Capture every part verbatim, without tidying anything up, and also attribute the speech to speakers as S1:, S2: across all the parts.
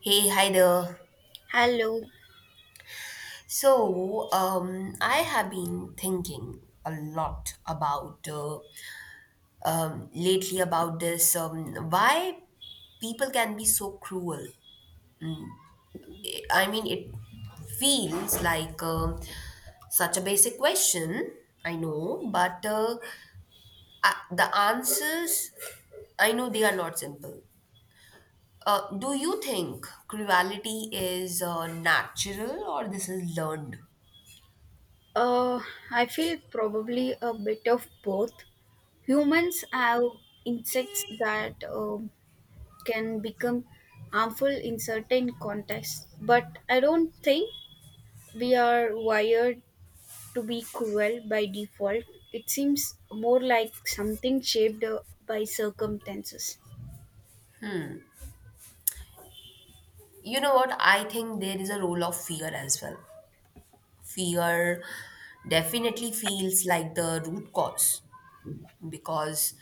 S1: Hey, hi there.
S2: Hello.
S1: So, um, I have been thinking a lot about uh, um, lately about this um, why people can be so cruel. I I mean, it feels like um, such a basic question, I know, but uh, I, the answers, I know they are not simple. Uh, do you think cruelty is uh, natural or this is learned?
S2: Uh, I feel probably a bit of both. Humans have insects that um can become harmful in certain contexts, but I don't think we are wired to be cruel by default. It seems more like something shaped uh, by circumstances.
S1: You know what? I think there is a role of fear as well. Fear definitely feels like the root cause because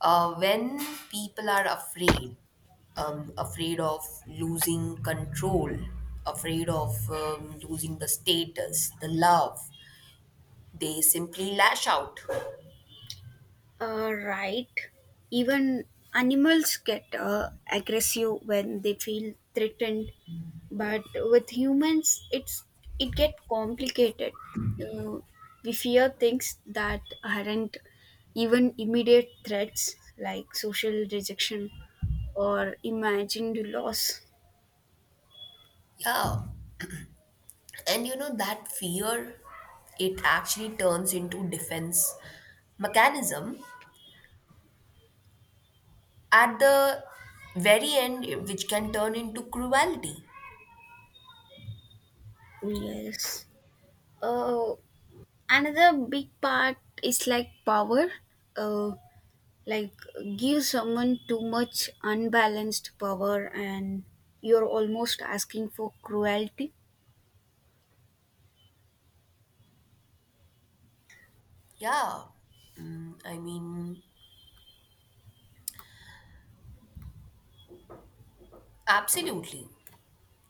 S1: uh, when people are afraid, um, afraid of losing control, afraid of um, losing the status, the love, they simply lash out.
S2: Uh, right. Even animals get uh, aggressive when they feel threatened, but with humans it's it get complicated. uh, we fear things that aren't even immediate threats, like social rejection or imagined loss.
S1: Yeah. And you know, that fear, it actually turns into defense mechanism at the very end, which can turn into cruelty.
S2: Yes. uh, Another big part is like power. uh, like, give someone too much unbalanced power and you're almost asking for cruelty.
S1: Yeah, mm, I mean, absolutely.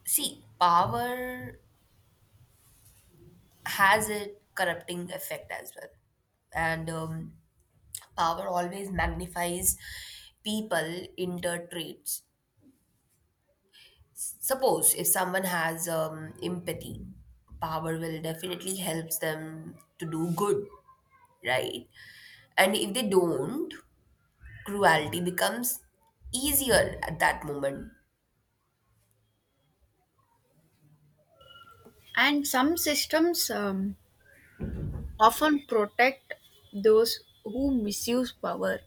S1: See, power has a corrupting effect as well. And um, Power always magnifies people inter traits. Suppose if someone has um, empathy, power will definitely helps them to do good, right? And if they don't, cruelty becomes easier at that moment.
S2: And some systems um, often protect those who misuse power,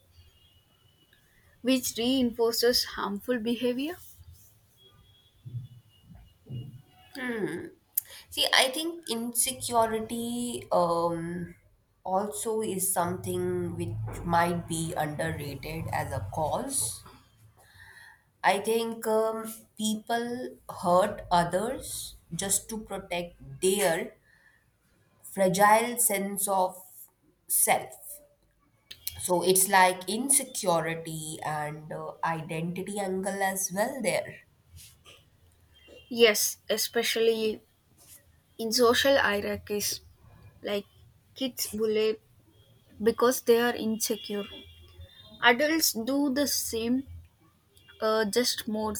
S2: which reinforces harmful behavior.
S1: See, I think insecurity um, also is something which might be underrated as a cause. I think um, people hurt others just to protect their fragile sense of self. So it's like insecurity and uh, identity angle as well there.
S2: Yes, especially in social hierarchies, like kids bully because they are insecure. Adults do the same, uh, just more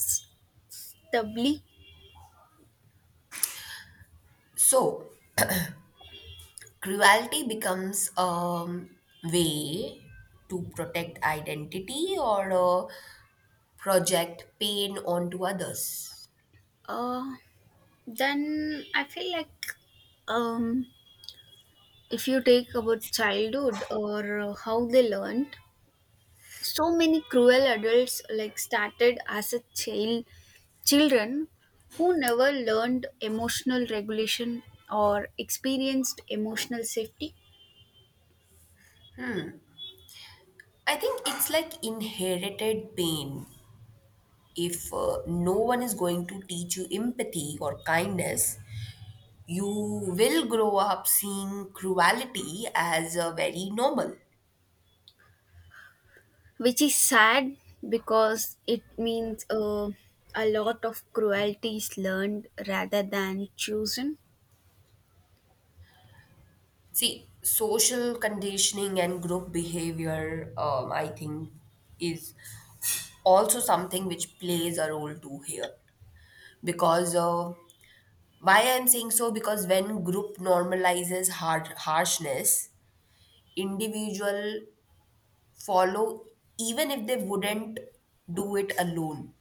S2: stably.
S1: So cruelty becomes a way to protect identity or uh, project pain onto others.
S2: Uh, then I feel like, um, if you take about childhood or uh, how they learned, so many cruel adults like started as a child children who never learned emotional regulation or experienced emotional safety.
S1: I think it's like inherited pain. If uh, no one is going to teach you empathy or kindness, you will grow up seeing cruelty as uh, very normal.
S2: Which is sad, because it means uh, a lot of cruelty is learned rather than chosen.
S1: See, social conditioning and group behavior, um, I think, is also something which plays a role too here because uh, why I'm saying so because when group normalizes hard harshness individual follow even if they wouldn't do it alone.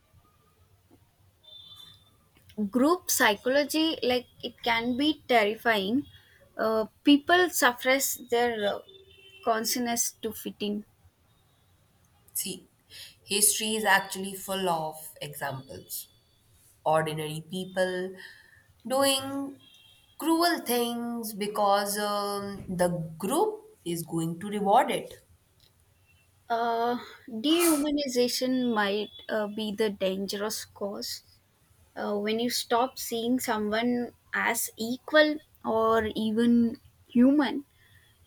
S2: Group psychology, like, it can be terrifying. Uh, people suppress their uh, consciousness to fit in.
S1: See, history is actually full of examples, ordinary people doing cruel things because um, the group is going to reward it.
S2: Uh, Dehumanization might uh, be the dangerous cause. Uh, when you stop seeing someone as equal or even human,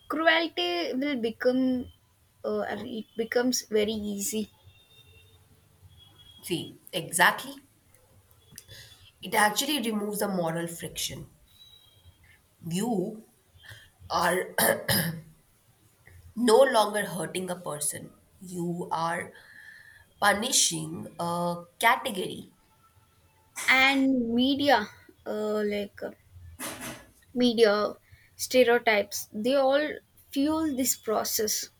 S2: cruelty will become uh, it becomes very easy.
S1: See, exactly, it actually removes the moral friction. You are no longer hurting a person. You are punishing a category.
S2: And media, uh, like uh, media stereotypes, they all fuel this process.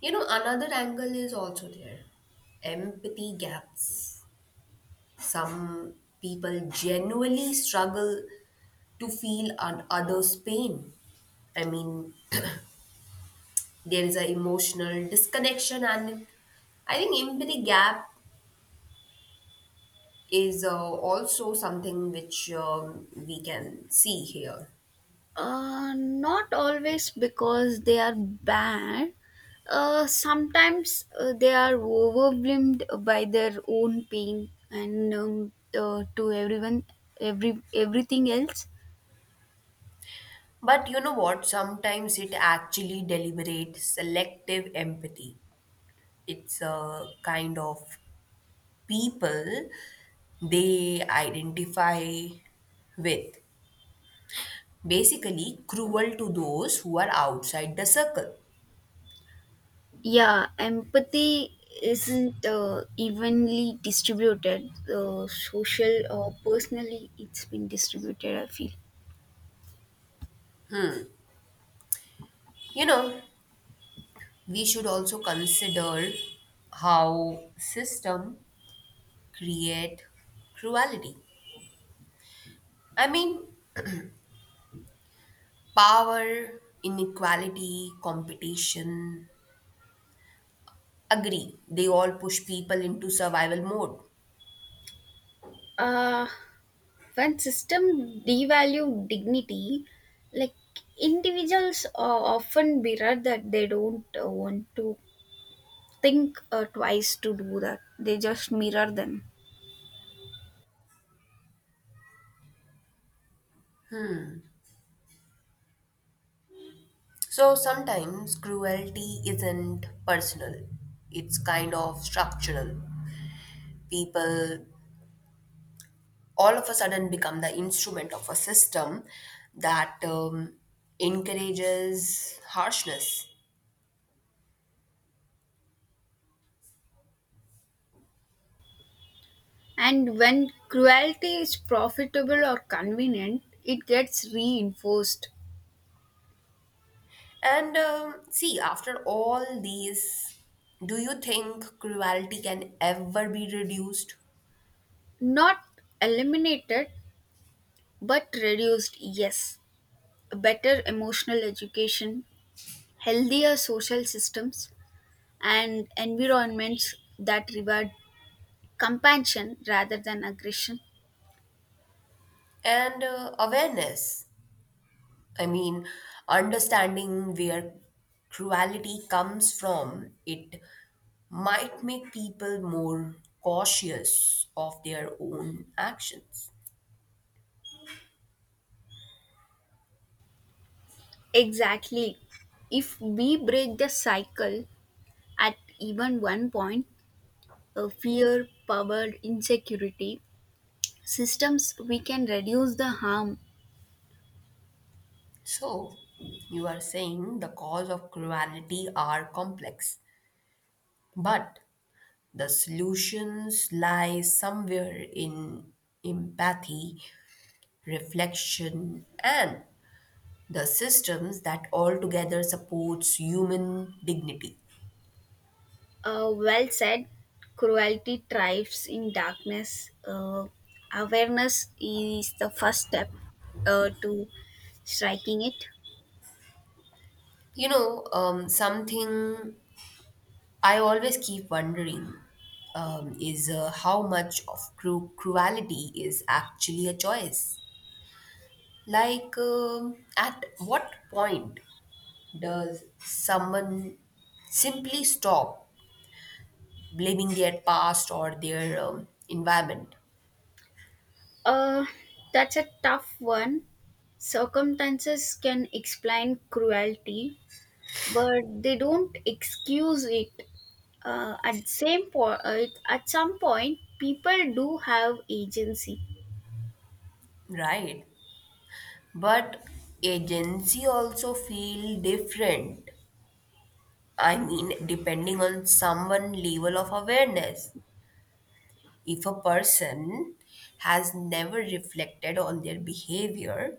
S1: You know, another angle is also there, empathy gaps. Some people genuinely struggle to feel an other's pain. I mean, there is an emotional disconnection, and I think empathy gap is uh, also something which um, we can see here.
S2: Uh, not always because they are bad. Uh, sometimes uh, they are overwhelmed by their own pain, and um, uh, to everyone, every everything else.
S1: But you know what? Sometimes it actually deliberate selective empathy. It's a kind of people they identify with. Basically, cruel to those who are outside the circle.
S2: Yeah, empathy isn't uh, evenly distributed. Uh, social or personally, it's been distributed. I feel.
S1: You know, we should also consider how system create cruelty. I mean, power, inequality, competition, agree, they all push people into survival mode.
S2: Uh, when system devalue dignity, like, individuals uh, often mirror that. They don't uh, want to think uh, twice to do that, they just mirror them.
S1: So sometimes cruelty isn't personal, it's kind of structural. People all of a sudden become the instrument of a system that um, encourages harshness.
S2: And when cruelty is profitable or convenient, it gets reinforced.
S1: And um, See, after all these, do you think cruelty can ever be reduced?
S2: Not eliminated, but reduced. Yes, a better emotional education, healthier social systems, and environments that reward compassion rather than aggression.
S1: And uh, awareness, I mean, understanding where cruelty comes from, it might make people more cautious of their own actions.
S2: Exactly. If we break the cycle at even one point, a fear, power, insecurity systems, we can reduce the harm.
S1: So, you are saying the cause of cruelty are complex, but the solutions lie somewhere in empathy, reflection, and the systems that altogether supports human dignity.
S2: Uh, well said. Cruelty thrives in darkness. Uh, awareness is the first step uh, to striking it.
S1: You know, um, something I always keep wondering um, is uh, how much of cru- cruelty is actually a choice. Like, um, at what point does someone simply stop blaming their past or their um, environment?
S2: Uh, that's a tough one. Circumstances can explain cruelty, but they don't excuse it. Uh, at same point, at some point, people do have agency.
S1: Right. But agency also feel different. I mean, depending on someone level of awareness, if a person has never reflected on their behavior,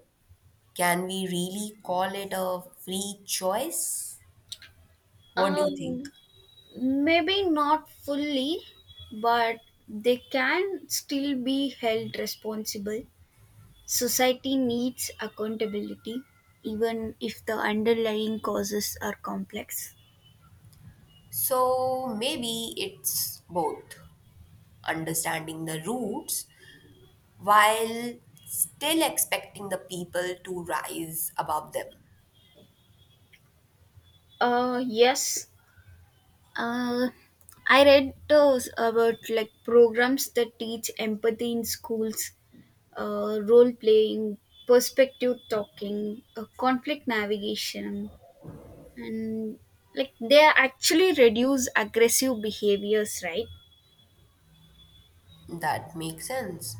S1: can we really call it a free choice? What do you think?
S2: Um, Maybe not fully, but they can still be held responsible. Society needs accountability, even if the underlying causes are complex.
S1: So maybe it's both understanding the roots while still expecting the people to rise above them.
S2: Uh, yes. Uh, I read those about like programs that teach empathy in schools, uh, role playing, perspective talking, uh, conflict navigation, and like they actually reduce aggressive behaviors, right?
S1: That makes sense.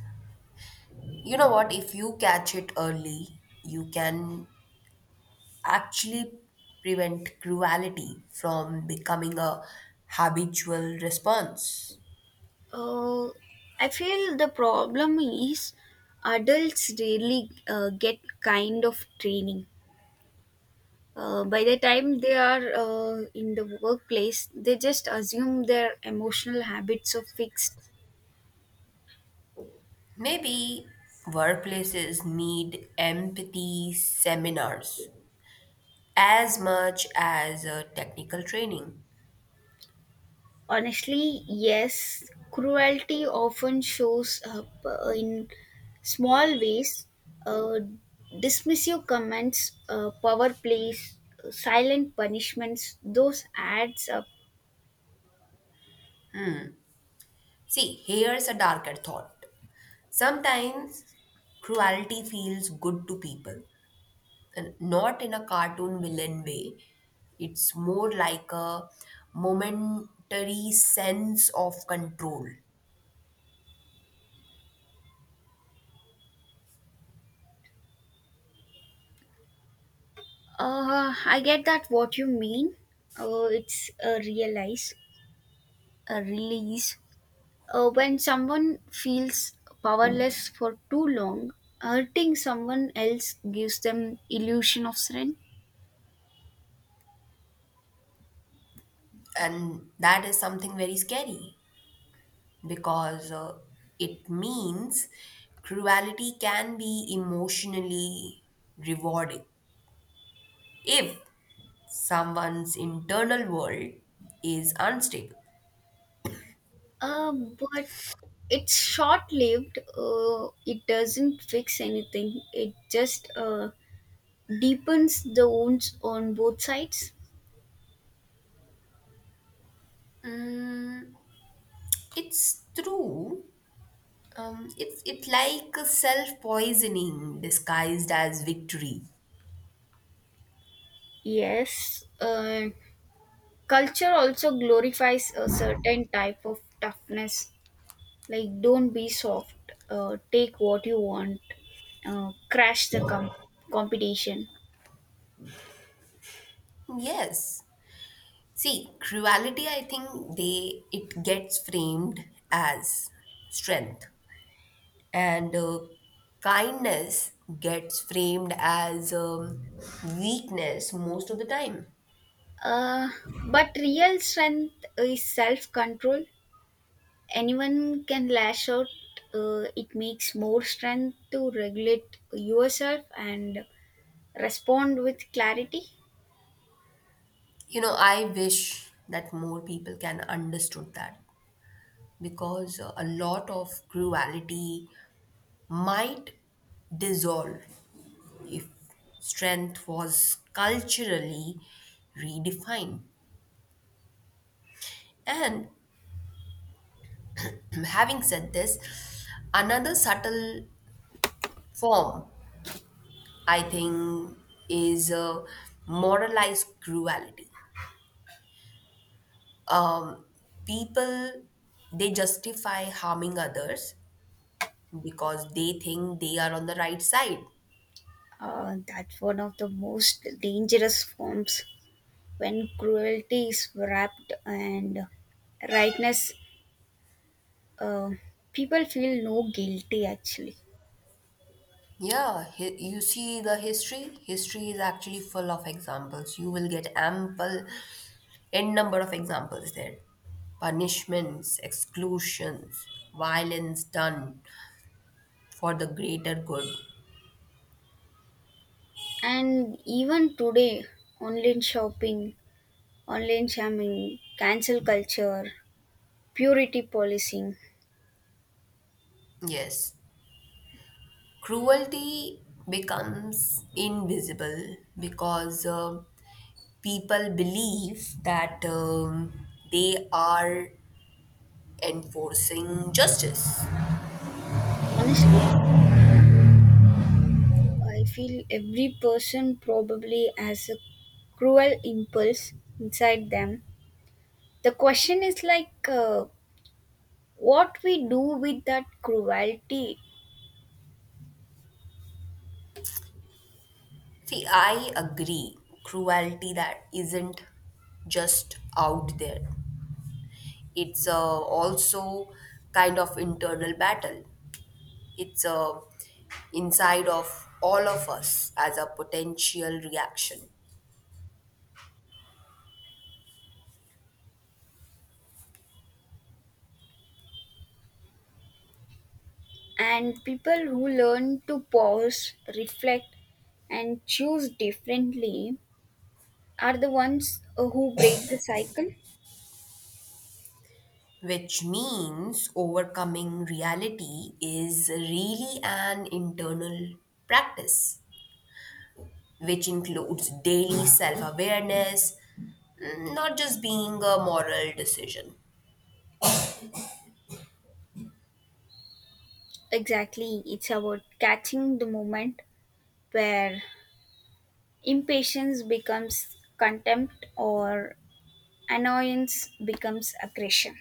S1: You know what? If you catch it early, you can actually prevent cruelty from becoming a habitual response.
S2: Uh, I feel the problem is adults really uh, get kind of training. Uh, by the time they are uh, in the workplace, they just assume their emotional habits are fixed.
S1: Maybe workplaces need empathy seminars as much as uh, technical training.
S2: Honestly, yes, cruelty often shows up uh, in small ways. Uh, Dismissive comments, uh, power plays, uh, silent punishments, those adds up.
S1: See, here's a darker thought. Sometimes cruelty feels good to people, and not in a cartoon villain way. It's more like a momentary sense of control.
S2: Uh, I get that what you mean. Uh, it's a realize, a release. Uh, when someone feels powerless for too long, hurting someone else gives them illusion of strength.
S1: And that is something very scary because uh, it means cruelty can be emotionally rewarding if someone's internal world is unstable.
S2: Uh, but it's short lived. Uh, it doesn't fix anything. It just uh, deepens the wounds on both sides.
S1: mm, it's true. Um, it's it's like a self-poisoning disguised as victory.
S2: Yes. Uh, culture also glorifies a certain type of toughness. Like, don't be soft. Uh, take what you want. Uh, crash the com- competition.
S1: Yes, see, cruelty, I think they it gets framed as strength, and uh, kindness gets framed as um, weakness most of the time.
S2: Uh, but real strength is self control. Anyone can lash out. Uh, it makes more strength to regulate yourself and respond with clarity.
S1: You know, I wish that more people can understood that because uh, a lot of cruelty might dissolve if strength was culturally redefined. And having said this, another subtle form, I think, is uh, moralized cruelty. People, they justify harming others because they think they are on the right side.
S2: Uh, that's one of the most dangerous forms, when cruelty is wrapped and rightness. uh, People feel no guilty actually.
S1: Yeah, hi- you see the history? History is actually full of examples. You will get ample, n number of examples there. Punishments, exclusions, violence done for the greater good.
S2: And even today, online shopping, online shaming, cancel culture, purity policing.
S1: Yes, cruelty becomes invisible because uh, people believe that um, they are enforcing justice.
S2: Honestly, I feel every person probably has a cruel impulse inside them. The question is like, uh, what we do with that cruelty.
S1: See, I agree. Cruelty that isn't just out there. It's uh, also kind of internal battle. It's uh, inside of all of us as a potential reaction.
S2: And people who learn to pause, reflect, and choose differently are the ones uh, who break the cycle.
S1: Which means overcoming reality is really an internal practice, which includes daily self awareness, not just being a moral decision.
S2: Exactly, it's about catching the moment where impatience becomes contempt or annoyance becomes aggression.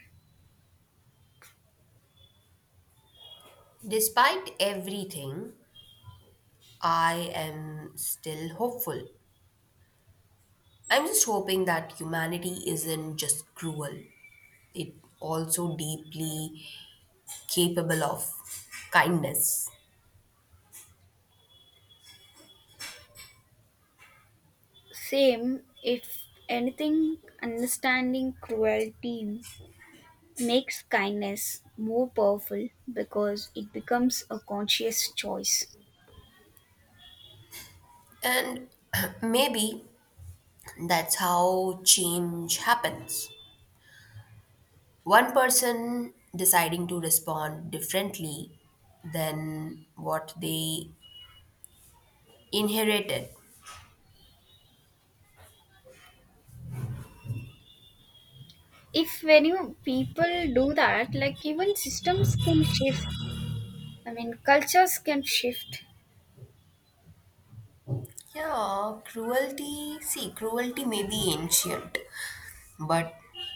S1: Despite everything, I am still hopeful. I'm just hoping that humanity isn't just cruel, it also deeply capable of kindness.
S2: Same. If anything, understanding cruelty makes kindness more powerful because it becomes a conscious choice.
S1: And maybe that's how change happens. One person deciding to respond differently than what they inherited.
S2: If when you people do that, like, even systems can shift. I mean, cultures can shift.
S1: Yeah, cruelty, see, cruelty may be ancient, but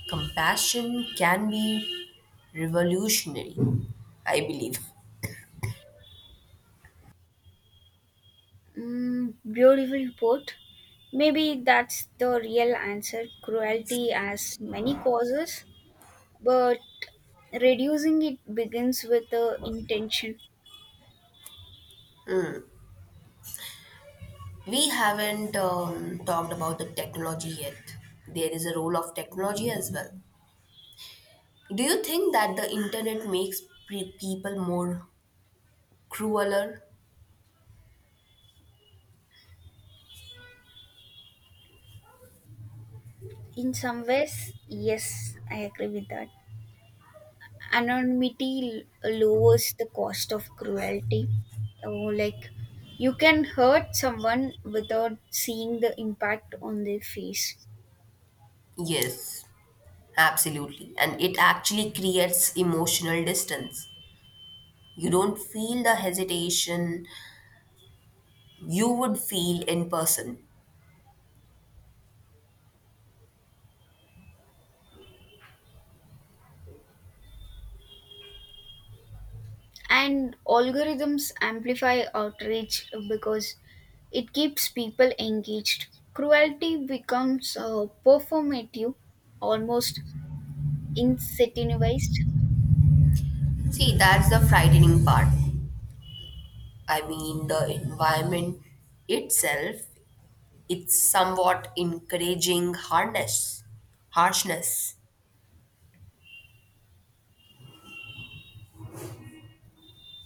S1: compassion can be revolutionary, I believe.
S2: Mm, beautiful put. Maybe that's the real answer. Cruelty has many causes, but reducing it begins with the intention.
S1: We haven't um, talked about the technology yet. There is a role of technology as well. Do you think that the internet makes pre- people more crueler?
S2: In some ways, yes, I agree with that. Anonymity l- lowers the cost of cruelty. Oh, like, you can hurt someone without seeing the impact on their face.
S1: Yes, absolutely. And it actually creates emotional distance. You don't feel the hesitation you would feel in person.
S2: And algorithms amplify outrage because it keeps people engaged. Cruelty becomes uh, performative, almost incentivized.
S1: See, that's the frightening part. I mean, the environment itself, it's somewhat encouraging hardness, harshness.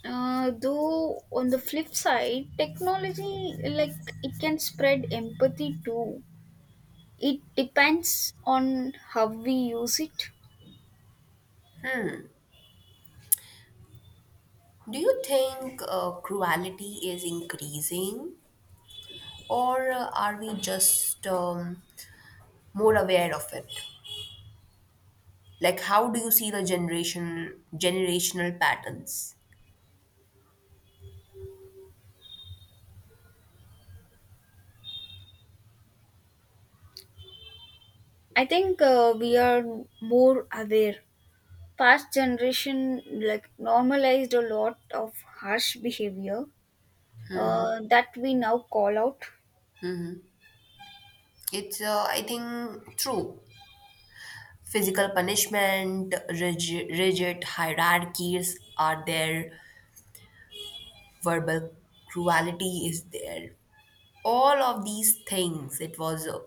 S2: Uh, though on the flip side, technology, like, it can spread empathy too. It depends on how we use it.
S1: Do you think uh, cruelty is increasing, or uh, are we just um, more aware of it? Like how do you see the generation generational patterns?
S2: I think uh, we are more aware. Past generation like normalized a lot of harsh behavior uh, that we now call out,
S1: It's uh, i think true. Physical punishment, rigid, rigid hierarchies are there, verbal cruelty is there, all of these things, it was uh,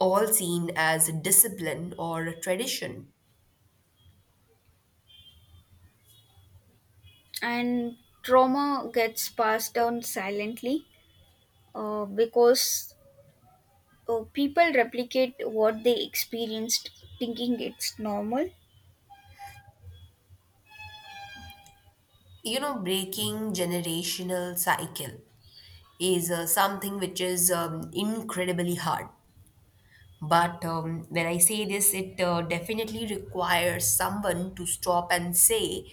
S1: all seen as discipline or tradition.
S2: and trauma gets passed down silently, uh, because, oh, people replicate what they experienced, thinking it's normal.
S1: You know, breaking generational cycle is uh, something which is um, incredibly hard. But um, when I say this, it uh, definitely requires someone to stop and say,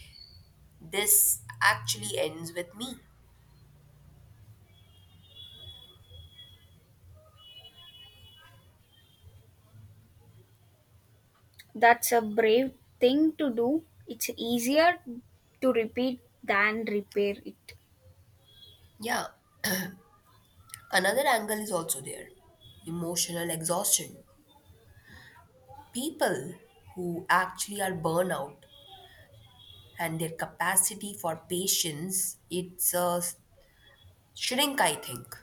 S1: this actually ends with me.
S2: That's a brave thing to do. It's easier to repeat than repair it.
S1: Yeah. Another angle is also there, emotional exhaustion. People who actually are burnout and their capacity for patience, it's uh, shrink, I think.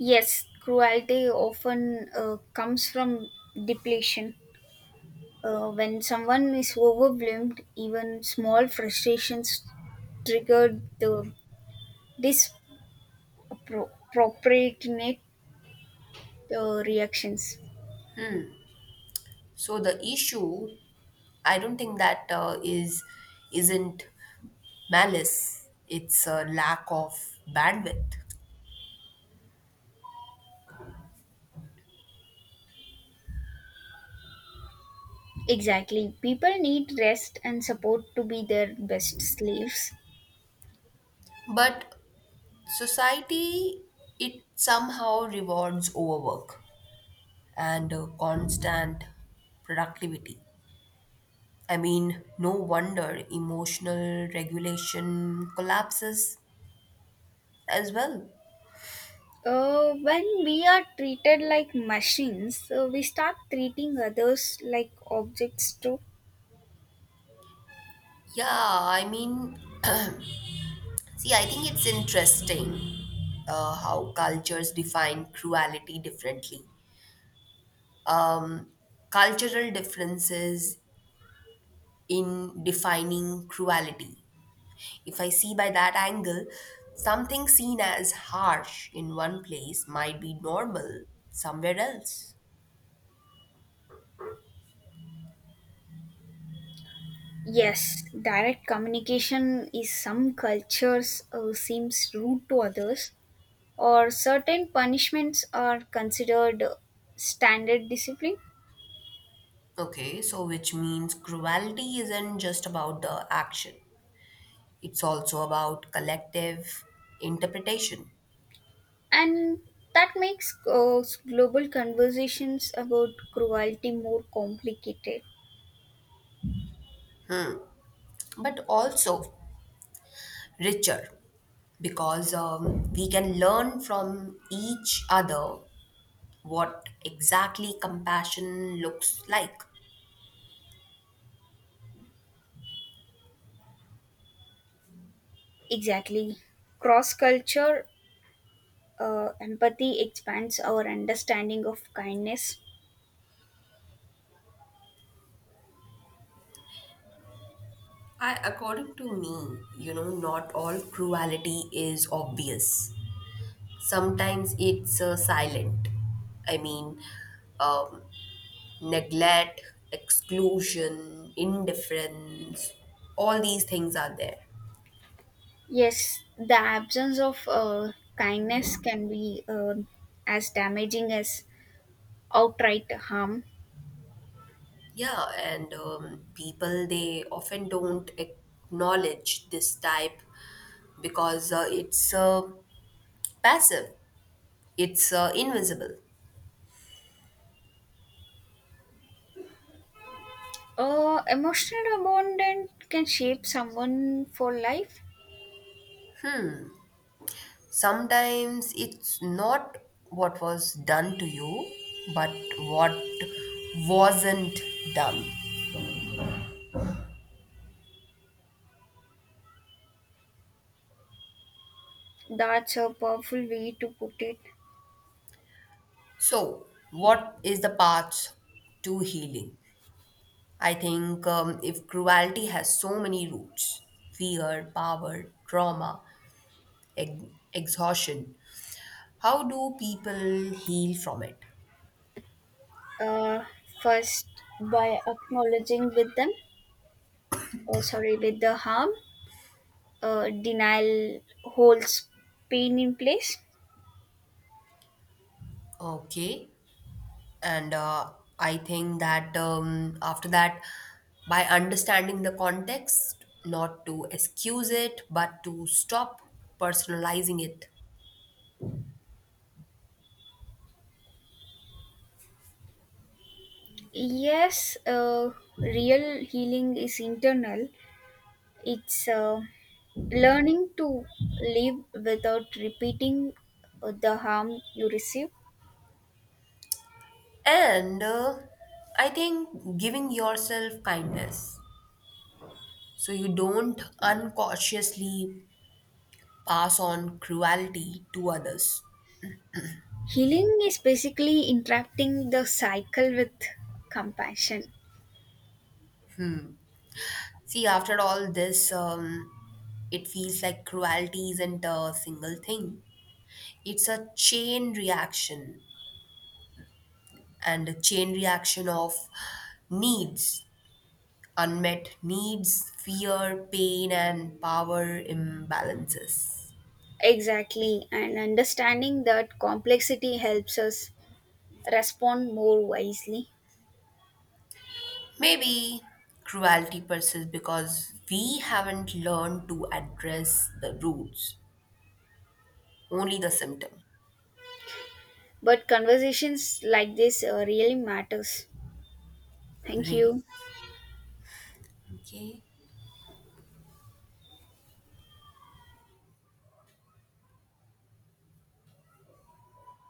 S2: Yes, cruelty often uh, comes from depletion. Uh, when someone is overwhelmed, even small frustrations trigger the disproportionate uh, reactions.
S1: So the issue, I don't think that uh, is isn't malice. It's a lack of bandwidth.
S2: Exactly. People need rest and support to be their best slaves.
S1: But society it somehow rewards overwork and uh, constant productivity. I mean, no wonder emotional regulation collapses as well.
S2: Uh, when we are treated like machines, uh, we start treating others like objects too.
S1: Yeah i mean, see, I think it's interesting uh, how cultures define cruelty differently, cultural differences in defining cruelty. If I see by that angle, something seen as harsh in one place might be normal somewhere else.
S2: Yes, direct communication is some cultures uh, seems rude to others, or certain punishments are considered standard discipline,
S1: Okay, so which means cruelty isn't just about the action, it's also about collective interpretation,
S2: and that makes uh, global conversations about cruelty more complicated.
S1: but also richer because um, we can learn from each other what exactly compassion looks like.
S2: Exactly. Cross culture uh, empathy expands our understanding of kindness.
S1: I, according to me, you know, not all cruelty is obvious. Sometimes it's uh, silent. I mean, um, neglect, exclusion, indifference, all these things are there.
S2: Yes, the absence of uh, kindness can be uh, as damaging as outright harm.
S1: Yeah, and um, people they often don't acknowledge this type because uh, it's uh, passive, it's uh, invisible.
S2: Uh, emotional abandon can shape someone for life.
S1: Sometimes it's not what was done to you, but what wasn't done.
S2: That's a powerful way to put it.
S1: So, what is the path to healing? I think um, if cruelty has so many roots, fear, power, trauma, ex- exhaustion, how do people heal from it?
S2: Uh, First, by acknowledging with them, or sorry, with the harm. Uh, denial holds pain in place.
S1: Okay, and uh, I think that um, after that by understanding the context not to excuse it but to stop personalizing it
S2: Yes. Uh, real healing is internal. It's uh, learning to live without repeating uh, the harm you receive.
S1: and uh, I think giving yourself kindness so you don't uncautiously pass on cruelty to others.
S2: Healing is basically interacting the cycle with compassion.
S1: See, after all this um, it feels like cruelty isn't a single thing, it's a chain reaction, and a chain reaction of needs, unmet needs, fear, pain, and power imbalances.
S2: Exactly, and understanding that complexity helps us respond more wisely.
S1: Maybe cruelty persists because we haven't learned to address the roots, only the symptom,
S2: But conversations like this uh, really matters. Thank
S1: really.
S2: you.
S1: Okay.